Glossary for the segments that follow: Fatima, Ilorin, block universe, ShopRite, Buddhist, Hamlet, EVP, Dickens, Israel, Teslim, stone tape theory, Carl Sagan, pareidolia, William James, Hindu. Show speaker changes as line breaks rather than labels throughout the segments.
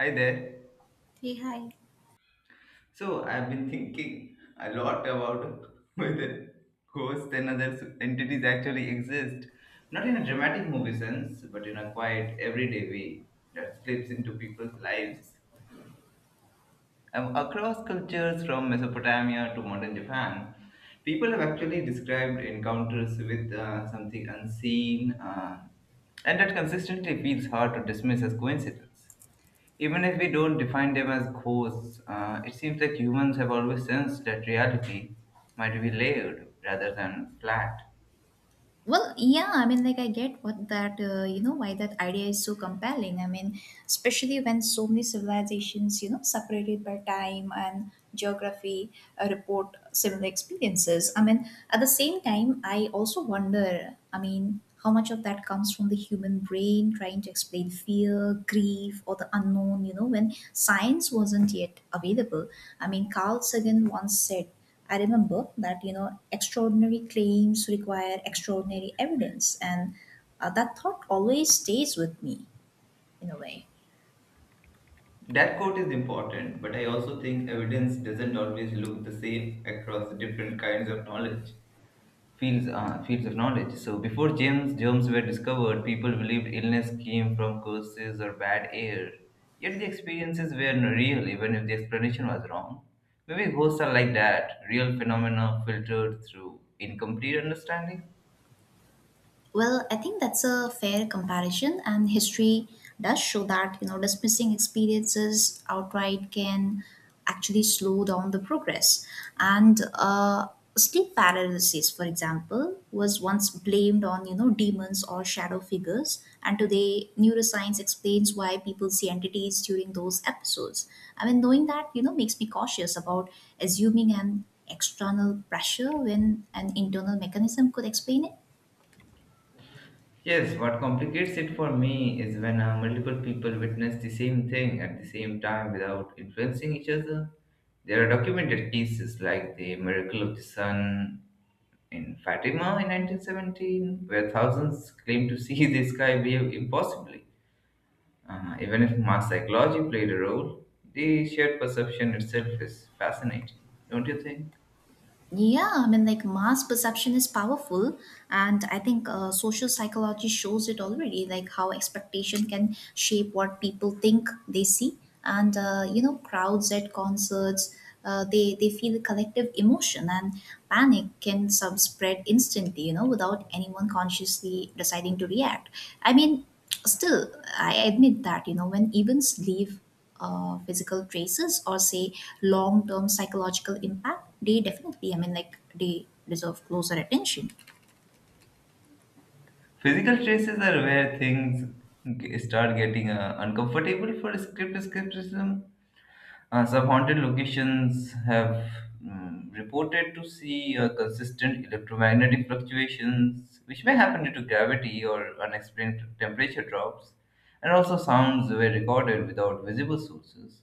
Hi there.
Hey, hi.
So I've been thinking a lot about whether ghosts and other entities actually exist, not in a dramatic movie sense, but in a quiet, everyday way that slips into people's lives. Across cultures from Mesopotamia to modern Japan, people have actually described encounters with something unseen, and that consistently feels hard to dismiss as coincidence. Even if we don't define them as ghosts, it seems like humans have always sensed that reality might be layered rather than flat.
Well, yeah, I mean, like, I get what why that idea is so compelling. I mean, especially when so many civilizations, separated by time and geography, report similar experiences. I mean, at the same time, I also wonder I mean, how much of that comes from the human brain trying to explain fear, grief, or the unknown, when science wasn't yet available. I mean, Carl Sagan once said, I remember that, extraordinary claims require extraordinary evidence. And that thought always stays with me in a way.
That quote is important, but I also think evidence doesn't always look the same across different kinds of knowledge. Fields fields of knowledge. So before germs were discovered, people believed illness came from curses or bad air. Yet the experiences were not real, even if the explanation was wrong. Maybe ghosts are like that, real phenomena filtered through incomplete understanding.
Well, I think that's a fair comparison, and history does show that dismissing experiences outright can actually slow down the progress. And sleep paralysis, for example, was once blamed on demons or shadow figures, and today neuroscience explains why people see entities during those episodes. I mean, knowing that makes me cautious about assuming an external pressure when an internal mechanism could explain it.
Yes, what complicates it for me is when multiple people witness the same thing at the same time without influencing each other. There are documented cases like the miracle of the sun in Fatima in 1917, where thousands claimed to see the sky behave impossibly. Even if mass psychology played a role, the shared perception itself is fascinating, don't you think?
Yeah, I mean, like mass perception is powerful, and I think social psychology shows it already, like how expectation can shape what people think they see, and crowds at concerts, they feel a collective emotion, and panic can sub spread instantly, without anyone consciously deciding to react. I mean, still, I admit that when events leave physical traces or say long term psychological impact, they definitely, I mean, like they deserve closer attention.
Physical traces are where things start getting uncomfortable for script skepticism. Some haunted locations have reported to see consistent electromagnetic fluctuations, which may happen due to gravity or unexplained temperature drops, and also sounds were recorded without visible sources.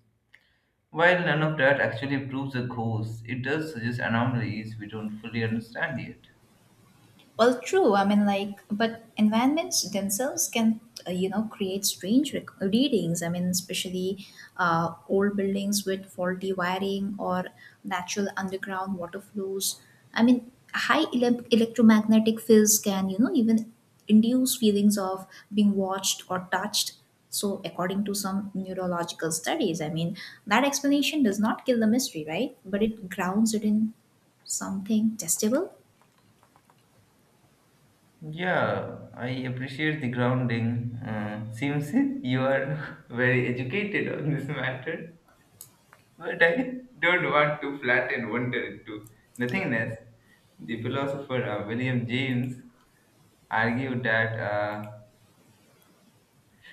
While none of that actually proves a ghost, it does suggest anomalies we don't fully understand yet.
Well, true. I mean, like, but environments themselves can, create strange readings. I mean, especially old buildings with faulty wiring or natural underground water flows. I mean, high electromagnetic fields can, even induce feelings of being watched or touched. So, according to some neurological studies, I mean, that explanation does not kill the mystery, right? But it grounds it in something testable.
Yeah, I appreciate the grounding. Seems you are very educated on this matter. But I don't want to flatten wonder into nothingness. The philosopher William James argued that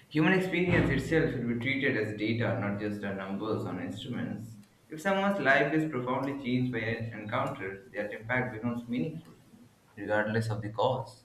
human experience itself should be treated as data, not just numbers on instruments. If someone's life is profoundly changed by an encounter, that impact becomes meaningful, regardless of the cause.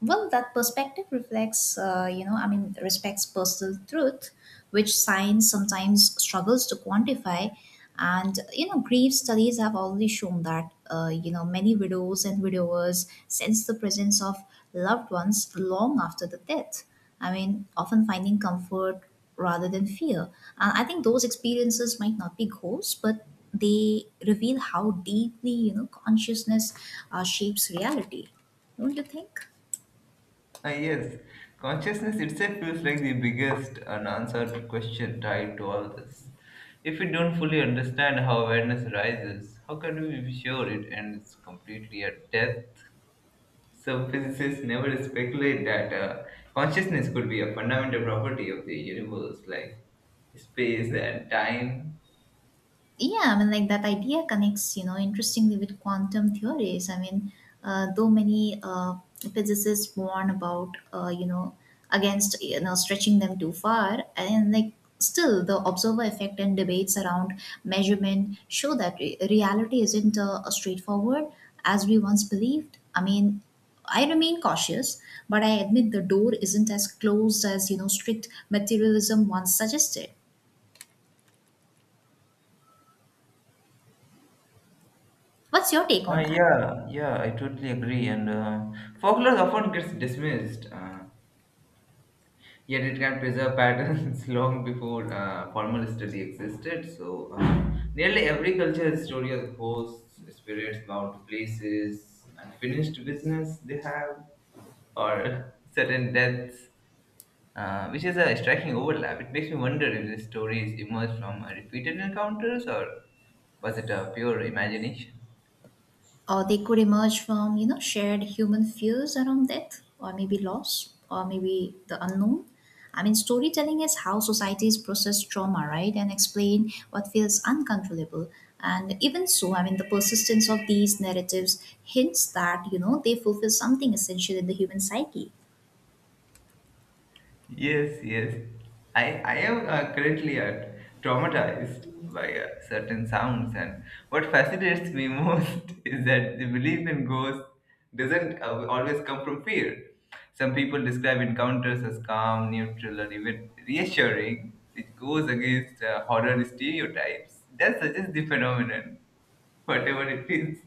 Well, that perspective reflects, I mean, respects personal truth, which science sometimes struggles to quantify. And, grief studies have already shown that, many widows and widowers sense the presence of loved ones long after the death. I mean, often finding comfort rather than fear. And I think those experiences might not be ghosts, but they reveal how deeply, consciousness shapes reality. Don't you think?
Ah yes, consciousness itself feels like the biggest unanswered question tied to all this. If we don't fully understand how awareness arises, how can we be sure it ends completely at death? Some physicists never speculate that consciousness could be a fundamental property of the universe, like space and time.
Yeah, I mean, like that idea connects, interestingly with quantum theories. I mean, though many physicists warn about, against, stretching them too far, and like still the observer effect and debates around measurement show that reality isn't a straightforward as we once believed. I mean, I remain cautious, but I admit the door isn't as closed as, strict materialism once suggested. What's your take on that?
Yeah, yeah, I totally agree. And folklore often gets dismissed. Yet it can preserve patterns long before formal study existed. So, nearly every cultural story hosts ghosts, spirits bound to places, unfinished business they have, or certain deaths, which is a striking overlap. It makes me wonder if these stories emerged from repeated encounters or was it a pure imagination?
Or they could emerge from shared human fears around death or maybe loss or maybe the unknown. I mean, storytelling is how societies process trauma, right, and explain what feels uncontrollable. And even so, I mean, the persistence of these narratives hints that they fulfill something essential in the human psyche.
Yes, yes. I am currently traumatized by certain sounds, and what fascinates me most is that the belief in ghosts doesn't always come from fear. Some people describe encounters as calm, neutral, or even reassuring, which goes against horror stereotypes. That suggests the phenomenon, whatever it is,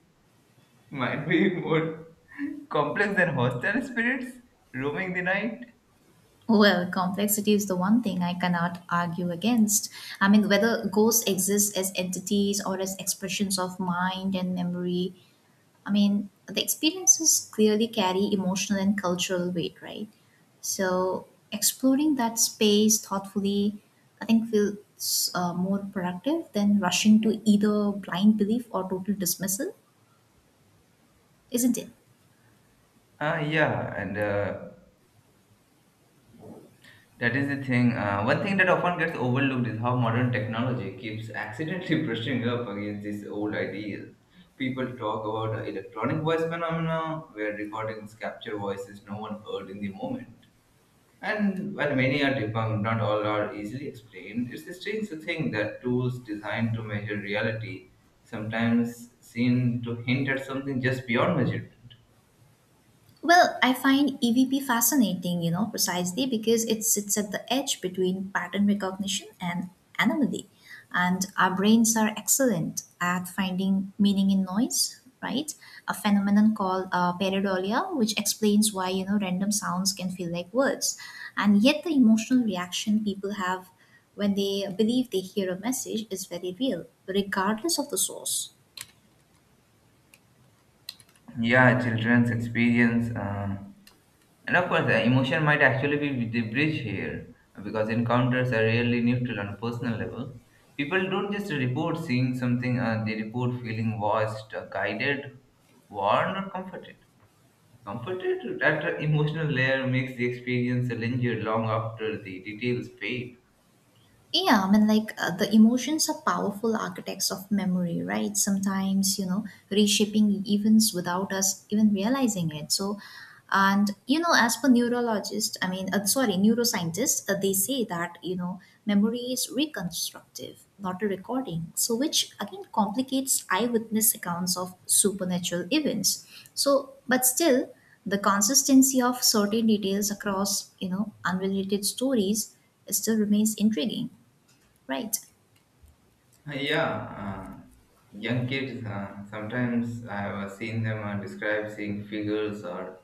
might be more complex than hostile spirits roaming the night.
Well, complexity is the one thing I cannot argue against. I mean, whether ghosts exist as entities or as expressions of mind and memory, I mean, the experiences clearly carry emotional and cultural weight, right? So exploring that space thoughtfully, I think, feels more productive than rushing to either blind belief or total dismissal, isn't it?
Ah, yeah, and that is the thing. One thing that often gets overlooked is how modern technology keeps accidentally brushing up against these old ideas. People talk about the electronic voice phenomena, where recordings capture voices no one heard in the moment. And while many are debunked, not all are easily explained. It's strange to think that tools designed to measure reality sometimes seem to hint at something just beyond measurement.
Well, I find EVP fascinating, precisely because it sits at the edge between pattern recognition and anomaly. And our brains are excellent at finding meaning in noise, right? A phenomenon called pareidolia, which explains why, random sounds can feel like words. And yet, the emotional reaction people have when they believe they hear a message is very real, regardless of the source.
Yeah, children's experience, and of course emotion might actually be the bridge here, because encounters are rarely neutral on a personal level. People don't just report seeing something, they report feeling watched, guided, warned, or comforted at an emotional layer. Makes the experience linger long after the details fade.
Yeah, I mean, like the emotions are powerful architects of memory, right? Sometimes, reshaping events without us even realizing it. So, and as per neurologist, I mean, sorry, neuroscientists, they say that memory is reconstructive, not a recording. So, which again complicates eyewitness accounts of supernatural events. So, but still, the consistency of certain details across unrelated stories still remains intriguing. Right.
Yeah, uh, young kids, sometimes I have seen them describe seeing figures or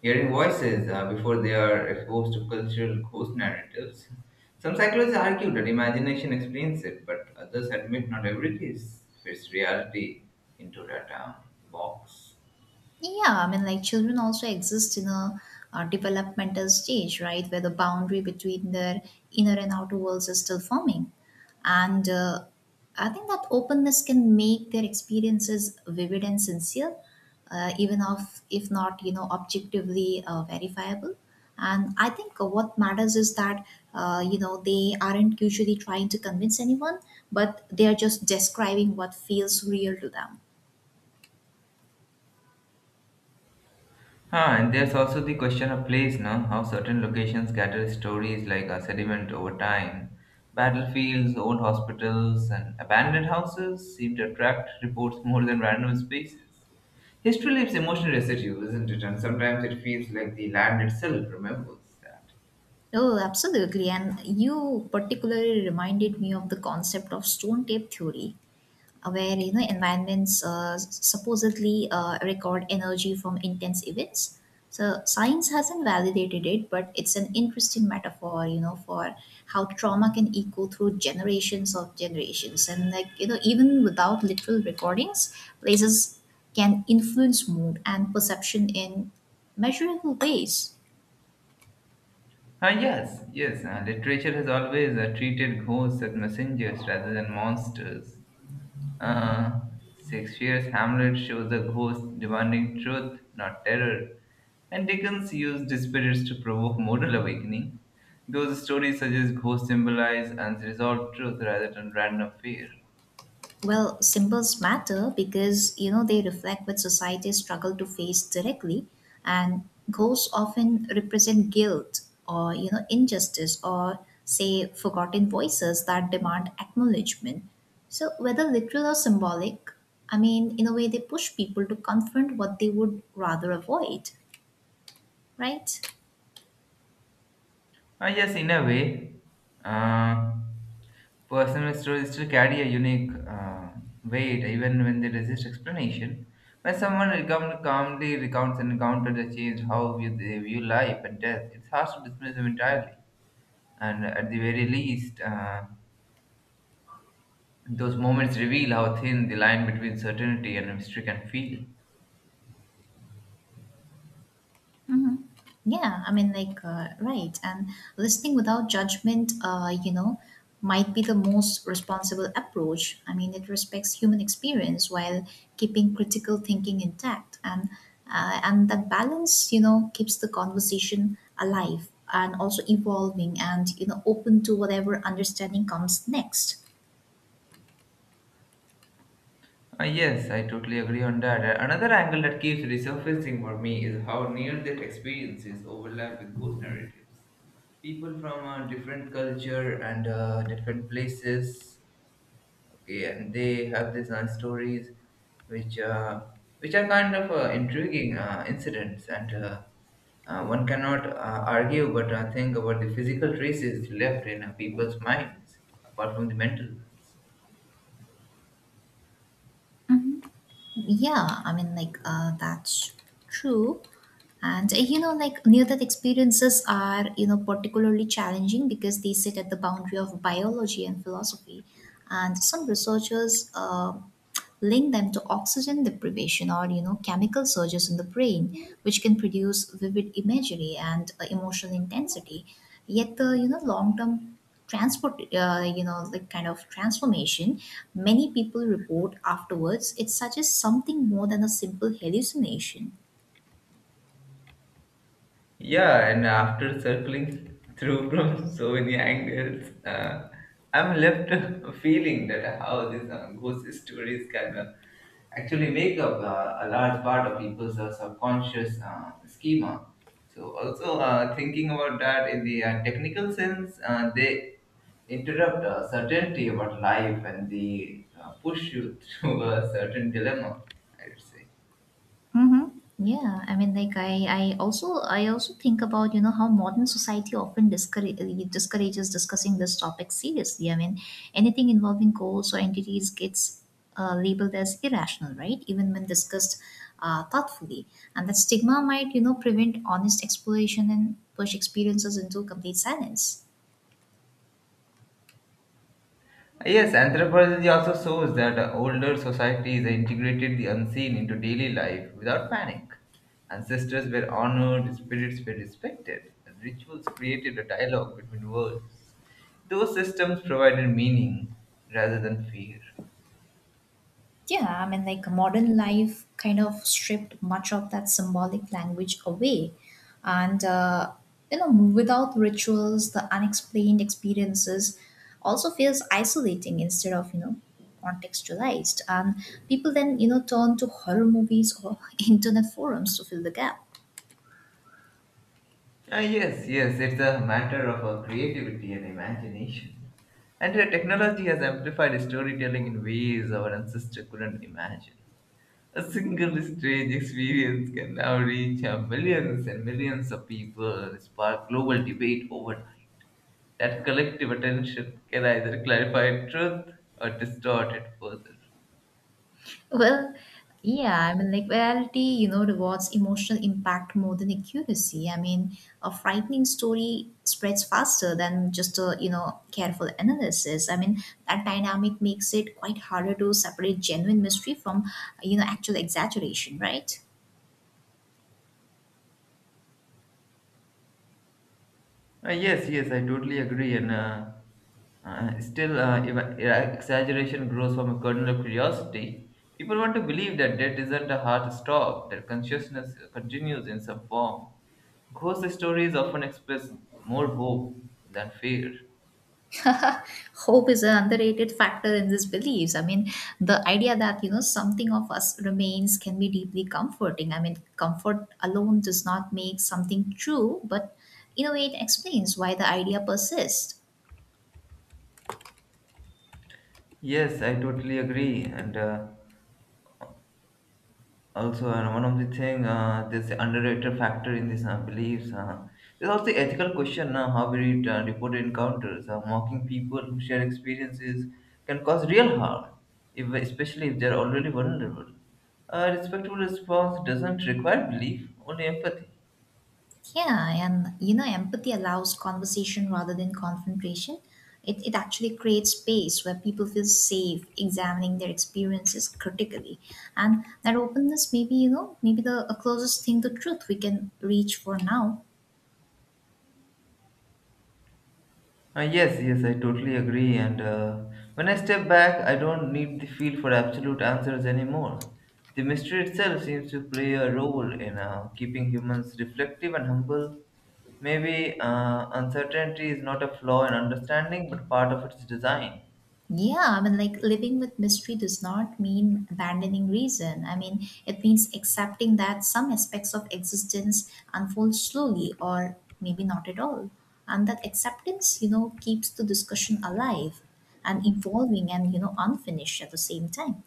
hearing voices before they are exposed to cultural ghost narratives. Some psychologists argue that imagination explains it, but others admit not every case fits reality into that box.
Yeah, I mean, like children also exist in a developmental stage, right, where the boundary between their inner and outer worlds is still forming. And I think that openness can make their experiences vivid and sincere, even if not, objectively verifiable. And I think what matters is that, they aren't usually trying to convince anyone, but they are just describing what feels real to them.
Ah, and there's also the question of place, no? How certain locations gather stories like a sediment over time. Battlefields, old hospitals, and abandoned houses seem to attract reports more than random spaces. History leaves emotional residue, isn't it? And sometimes it feels like the land itself remembers that.
Oh, absolutely. And you particularly reminded me of the concept of stone tape theory, where environments supposedly record energy from intense events. So science hasn't validated it, but it's an interesting metaphor, for how trauma can echo through generations of generations. And like, even without literal recordings, places can influence mood and perception in measurable ways.
Ah, yes, yes. Literature has always treated ghosts as messengers rather than monsters. Uh, Shakespeare's Hamlet shows a ghost demanding truth, not terror, and Dickens used spirits to provoke moral awakening. Those stories suggest ghosts symbolize unresolved truth rather than random fear.
Well, symbols matter because they reflect what society struggle to face directly, and ghosts often represent guilt or injustice or say forgotten voices that demand acknowledgement. So whether literal or symbolic, I mean, in a way they push people to confront what they would rather avoid, right?
Ah, yes, in a way, uh, personal stories still carry a unique weight even when they resist explanation. When someone calmly recounts an encounter that changed how they view life and death, it's hard to dismiss them entirely. And at the very least, those moments reveal how thin the line between certainty and mystery can feel.
Yeah, I mean, like, right. And listening without judgment, might be the most responsible approach. I mean, it respects human experience while keeping critical thinking intact, and that balance, keeps the conversation alive and also evolving, and open to whatever understanding comes next.
Yes, I totally agree on that. Another angle that keeps resurfacing for me is how near that experiences overlap with ghost narratives. People from different culture and different places. Okay, and they have these nice stories, which uh, which are kind of intriguing incidents, and one cannot argue but think about the physical traces left in people's minds, apart from the mental ones.
Yeah, I mean, like, that's true. And, like, near death experiences are, particularly challenging because they sit at the boundary of biology and philosophy. And some researchers link them to oxygen deprivation or, chemical surges in the brain, which can produce vivid imagery and emotional intensity. Yet the, long term transport like kind of transformation many people report afterwards, it suggests something more than a simple hallucination.
Yeah, and after circling through from so many angles, I'm left feeling that how these ghost stories can actually make up a large part of people's subconscious schema. So, also thinking about that in the technical sense, they interrupt certainty about life and they push you through a certain dilemma, I would say.
Mm-hmm. Yeah, I mean, like I also think about how modern society often discourages discussing this topic seriously. I mean, anything involving goals or entities gets labeled as irrational, right, even when discussed thoughtfully. And that stigma might prevent honest exploration and push experiences into complete silence.
Yes, anthropology also shows that older societies integrated the unseen into daily life without panic. Ancestors were honored, spirits were respected, and rituals created a dialogue between worlds. Those systems provided meaning rather than fear.
Yeah, I mean, like modern life kind of stripped much of that symbolic language away. And, without rituals, the unexplained experiences also feels isolating instead of, contextualized. And people then, turn to horror movies or internet forums to fill the gap.
Ah, yes, yes, it's a matter of creativity and imagination. And technology has amplified storytelling in ways our ancestors couldn't imagine. A single strange experience can now reach millions and millions of people and spark global debate overnight. That collective attention can either clarify truth or distort it further.
Well, yeah, I mean, like reality, rewards emotional impact more than accuracy. I mean, a frightening story spreads faster than just a, careful analysis. I mean, that dynamic makes it quite harder to separate genuine mystery from, actual exaggeration, right?
Yes, yes, I totally agree. And still, exaggeration grows from a kernel of curiosity. People want to believe that death isn't a hard stop, that consciousness continues in some form. Ghost stories often express more hope than fear.
Hope is an underrated factor in these beliefs. I mean, the idea that something of us remains can be deeply comforting. I mean, comfort alone does not make something true, but in a way, it explains why the idea persists.
Yes, I totally agree. And also, and one of the thing, there's the underrated factor in these beliefs. There's also the ethical question how we report encounters. Mocking people who share experiences can cause real harm, if, especially if they're already vulnerable. A respectful response doesn't require belief, only empathy.
Yeah, and empathy allows conversation rather than confrontation. It actually creates space where people feel safe examining their experiences critically. And that openness may be, maybe the closest thing to truth we can reach for now.
Yes, yes, I totally agree. And when I step back, I don't need the feel for absolute answers anymore. The mystery itself seems to play a role in keeping humans reflective and humble. Maybe uncertainty is not a flaw in understanding, but part of its design.
Yeah, I mean, like living with mystery does not mean abandoning reason. I mean, it means accepting that some aspects of existence unfold slowly or maybe not at all. And that acceptance, keeps the discussion alive and evolving and, unfinished at the same time.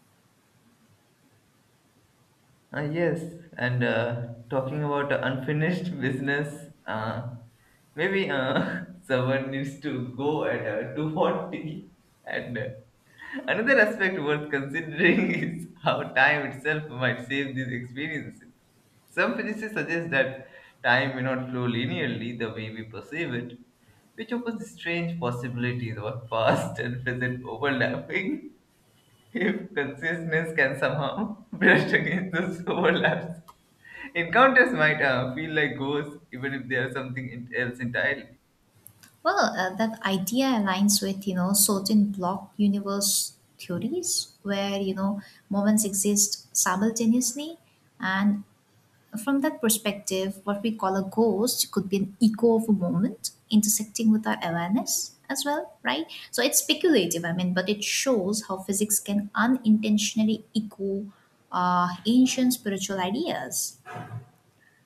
Yes, and talking about unfinished business, maybe someone needs to go at 240. And another aspect worth considering is how time itself might save these experiences. Some physicists suggest that time may not flow linearly the way we perceive it, which opens strange possibilities of past and present overlapping. If consciousness can somehow brush against those overlaps, encounters might feel like ghosts, even if they are something else entirely.
Well, that idea aligns with, certain block universe theories where, moments exist simultaneously, and from that perspective, what we call a ghost could be an echo of a moment intersecting with our awareness as well, right? So it's speculative, I mean, but it shows how physics can unintentionally echo ancient spiritual ideas.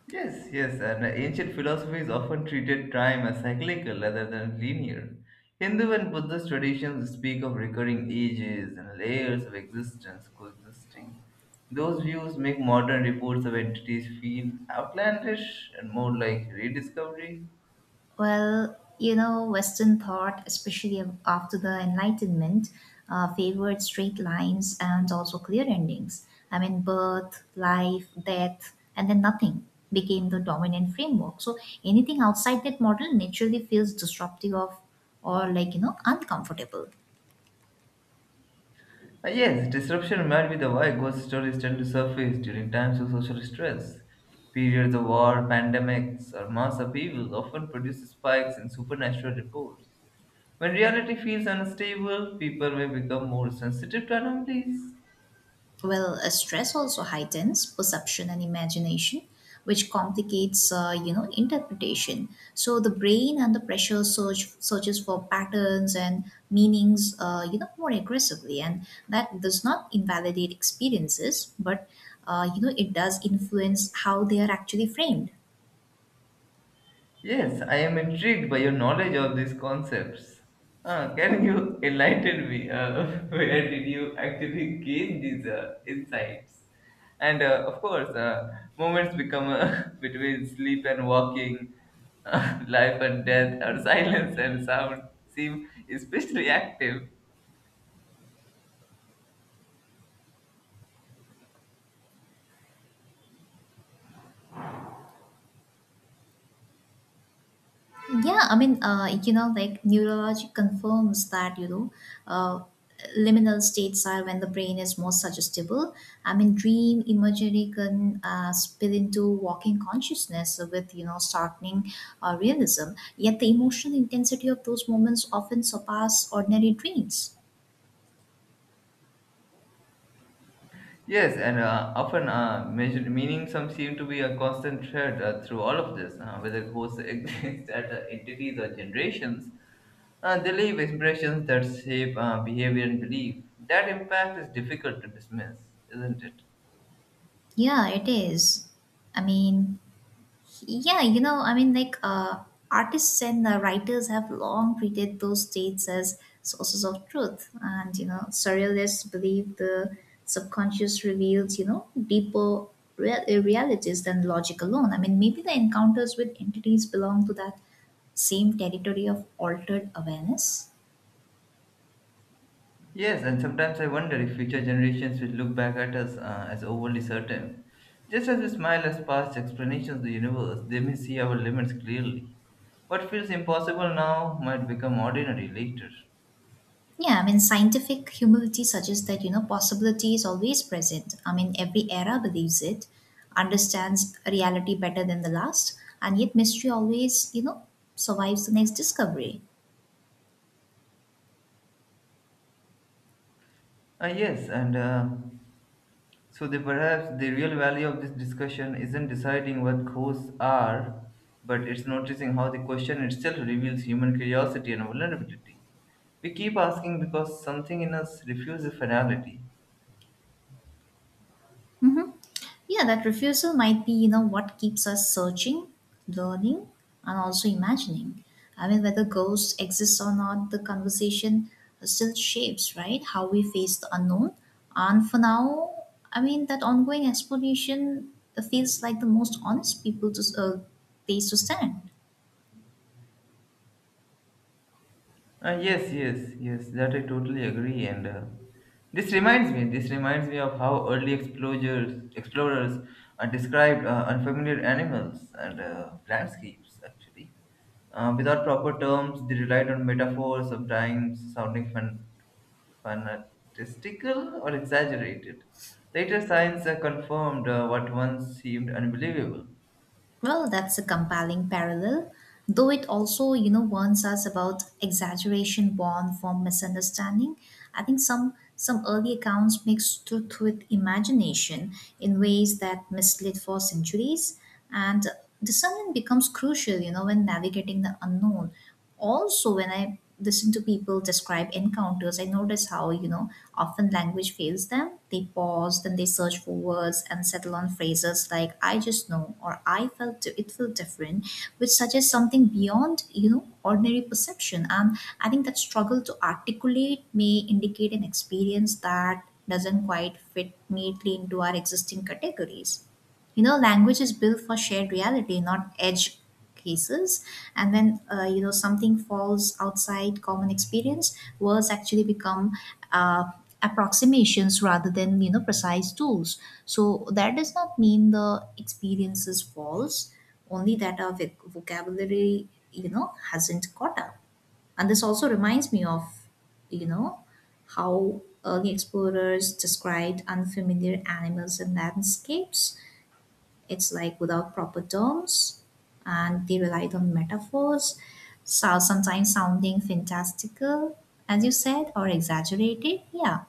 Yes, yes, and ancient philosophies often treated time as cyclical rather than linear. Hindu and Buddhist traditions speak of recurring ages and layers of existence coexisting. Those views make modern reports of entities feel outlandish and more like rediscovery.
Well, Western thought, especially after the Enlightenment, favored straight lines and also clear endings. I mean, birth, life, death, and then nothing became the dominant framework. So anything outside that model naturally feels disruptive of or like, uncomfortable.
Yes, disruption might be the why ghost stories tend to surface during times of social stress. Periods of war, pandemics, or mass upheaval often produce spikes in supernatural reports. When reality feels unstable, people may become more sensitive to anomalies.
Well, stress also heightens perception and imagination, which complicates, interpretation. So the brain under pressure searches for patterns and meanings, more aggressively, and that does not invalidate experiences, but it does influence how they are actually framed.
Yes, I am intrigued by your knowledge of these concepts. Can you enlighten me? Where did you actually gain these insights? And of course, moments become between sleep and walking, life and death, or silence and sound seem especially active.
Yeah, I mean, you know, like neurology confirms that, uh, liminal states are when the brain is most suggestible. I mean, dream imagery can spill into walking consciousness with, you know, startling realism. Yet the emotional intensity of those moments often surpass ordinary dreams.
Yes, and often measured meaning some seem to be a constant thread through all of this, whether ghosts exist at entities or generations. They leave impressions that shape behavior and belief. That impact is difficult to dismiss, isn't it?
Yeah, it is. I mean, Yeah, you know, artists and writers have long treated those states as sources of truth, and you know, surrealists believe the subconscious reveals, you know, deeper realities than logic alone. I mean, maybe the encounters with entities belong to that same territory of altered awareness.
Yes, and sometimes I wonder if future generations will look back at us as overly certain. Just as we smile at past explanations of the universe, they may see our limits clearly. What feels impossible now might become ordinary later.
Yeah, I mean, scientific humility suggests that, you know, possibility is always present. I mean, every era believes it, understands reality better than the last, and yet mystery always, you know, survives the next discovery.
Ah yes, and so the, perhaps the real value of this discussion isn't deciding what ghosts are, but it's noticing how the question itself reveals human curiosity and vulnerability. We keep asking because something in us refuses finality.
Hmm. Yeah, that refusal might be, you know, what keeps us searching, learning, and also imagining. I mean, whether ghosts exist or not, the conversation still shapes, right? How we face the unknown. And for now, I mean, that ongoing exploration feels like the most honest people to place to stand.
Ah yes, yes, yes, that I totally agree. And this reminds me of how early explorers described unfamiliar animals and landscapes, actually. Without proper terms, they relied on metaphors, sometimes sounding fantastical or exaggerated. Later science confirmed what once seemed unbelievable.
Well, that's a compelling parallel, though it also, you know, warns us about exaggeration born from misunderstanding. I think some early accounts mix truth with imagination in ways that misled for centuries, and discernment becomes crucial, you know, when navigating the unknown, also when I listen to people describe encounters, I notice how, you know, often language fails them. They pause, then they search for words and settle on phrases like I just know, or I felt it felt different, which suggests something beyond, you know, ordinary perception. And I think that struggle to articulate may indicate an experience that doesn't quite fit neatly into our existing categories. You know, language is built for shared reality, not edge cases. And when, you know, something falls outside common experience, words actually become, uh, approximations rather than, you know, precise tools. So that does not mean the experience is false, only that our vocabulary, you know, hasn't caught up. And this also reminds me of, you know, how early explorers described unfamiliar animals and landscapes. It's like without proper terms, and they relied on metaphors, so sometimes sounding fantastical, as you said, or exaggerated. Yeah.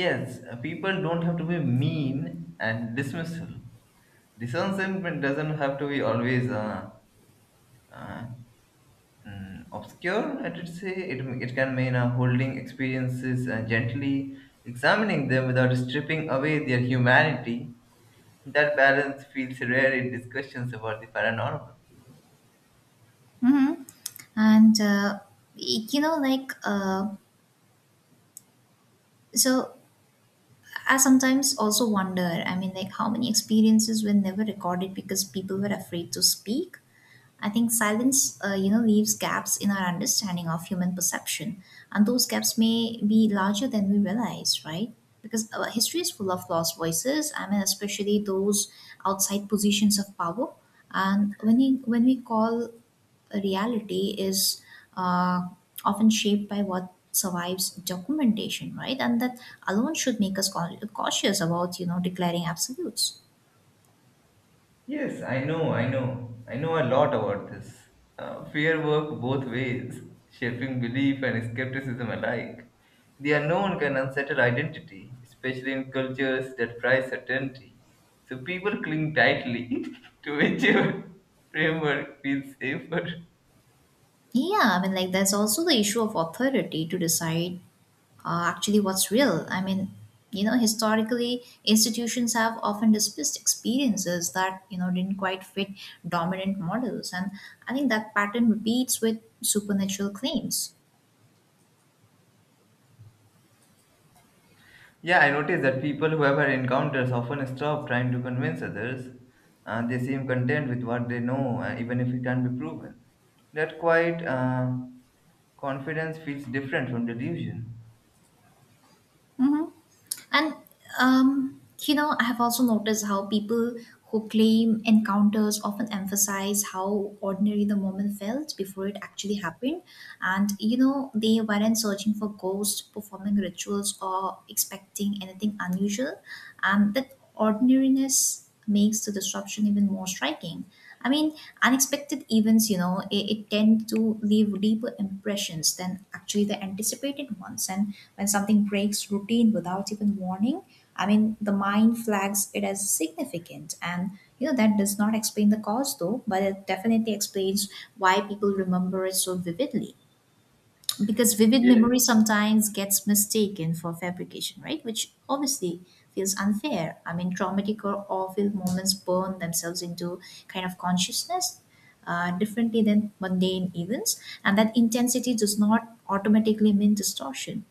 Yes, people don't have to be mean and dismissal. Discernment doesn't have to be always uh, obscure, I should say. It can mean holding experiences and gently examining them without stripping away their humanity. That balance feels rare in discussions about the paranormal.
Hmm. And uh, you know like uh, so I sometimes also wonder, I mean, like how many experiences were never recorded because people were afraid to speak. I think silence, you know, leaves gaps in our understanding of human perception, and those gaps may be larger than we realize, right? Because history is full of lost voices. I mean, especially those outside positions of power. And when we call a reality is, uh, often shaped by what survives documentation, right? And that alone should make us cautious about, you know, declaring absolutes.
Yes, I know a lot about this. Fear work both ways, shaping belief and skepticism alike. The unknown can unsettle identity, especially in cultures that prize certainty. So people cling tightly to whichever framework feels safer.
Yeah, I mean, like, there's also the issue of authority to decide, actually what's real. I mean, you know, historically, institutions have often dismissed experiences that, you know, didn't quite fit dominant models. And I think that pattern repeats with supernatural claims.
Yeah, I noticed that people who have had encounters often stop trying to convince others. They seem content with what they know, even if it can't be proven. That quite. Confidence feels different from delusion.
Mhm. And you know, I have also noticed how people who claim encounters often emphasize how ordinary the moment felt before it actually happened. And you know, they weren't searching for ghosts, performing rituals, or expecting anything unusual. And that ordinariness this makes the disruption even more striking. I mean, unexpected events, you know, it tend to leave deeper impressions than actually the anticipated ones. And when something breaks routine without even warning, I mean, the mind flags it as significant. And, you know, that does not explain the cause though, but it definitely explains why people remember it so vividly, because vivid
Yeah.
memory sometimes gets mistaken for fabrication, right? Which obviously feels unfair. I mean, traumatic or awful moments burn themselves into kind of consciousness differently than mundane events, and that intensity does not automatically mean distortion.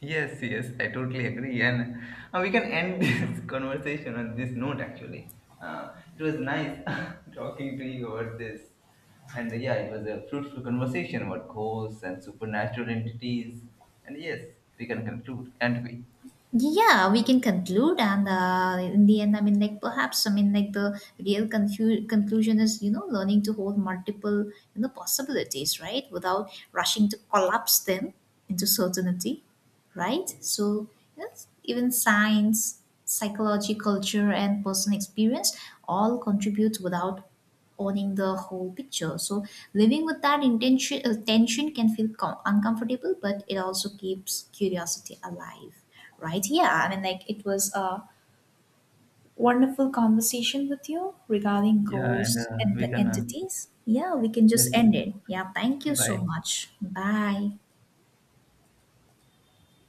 Yes, yes, I totally agree. And we can end this conversation on this note actually. It was nice talking to you about this. And yeah, it was a fruitful conversation about ghosts and supernatural entities. And yes, we can conclude, can't we?
Yeah, we can conclude, and in the end, I mean, like perhaps, I mean, like the real conclusion is, you know, learning to hold multiple, you know, possibilities, right, without rushing to collapse them into certainty, right? So yes, even science, psychology, culture, and personal experience all contribute without owning the whole picture. So living with that intention tension can feel uncomfortable, but it also keeps curiosity alive, right? Yeah, I mean, like it was a wonderful conversation with you regarding
Yeah, and
goals and
we
the
can,
entities. Yeah, we can just
yes,
end it. Yeah, thank you so
bye.
much. Bye.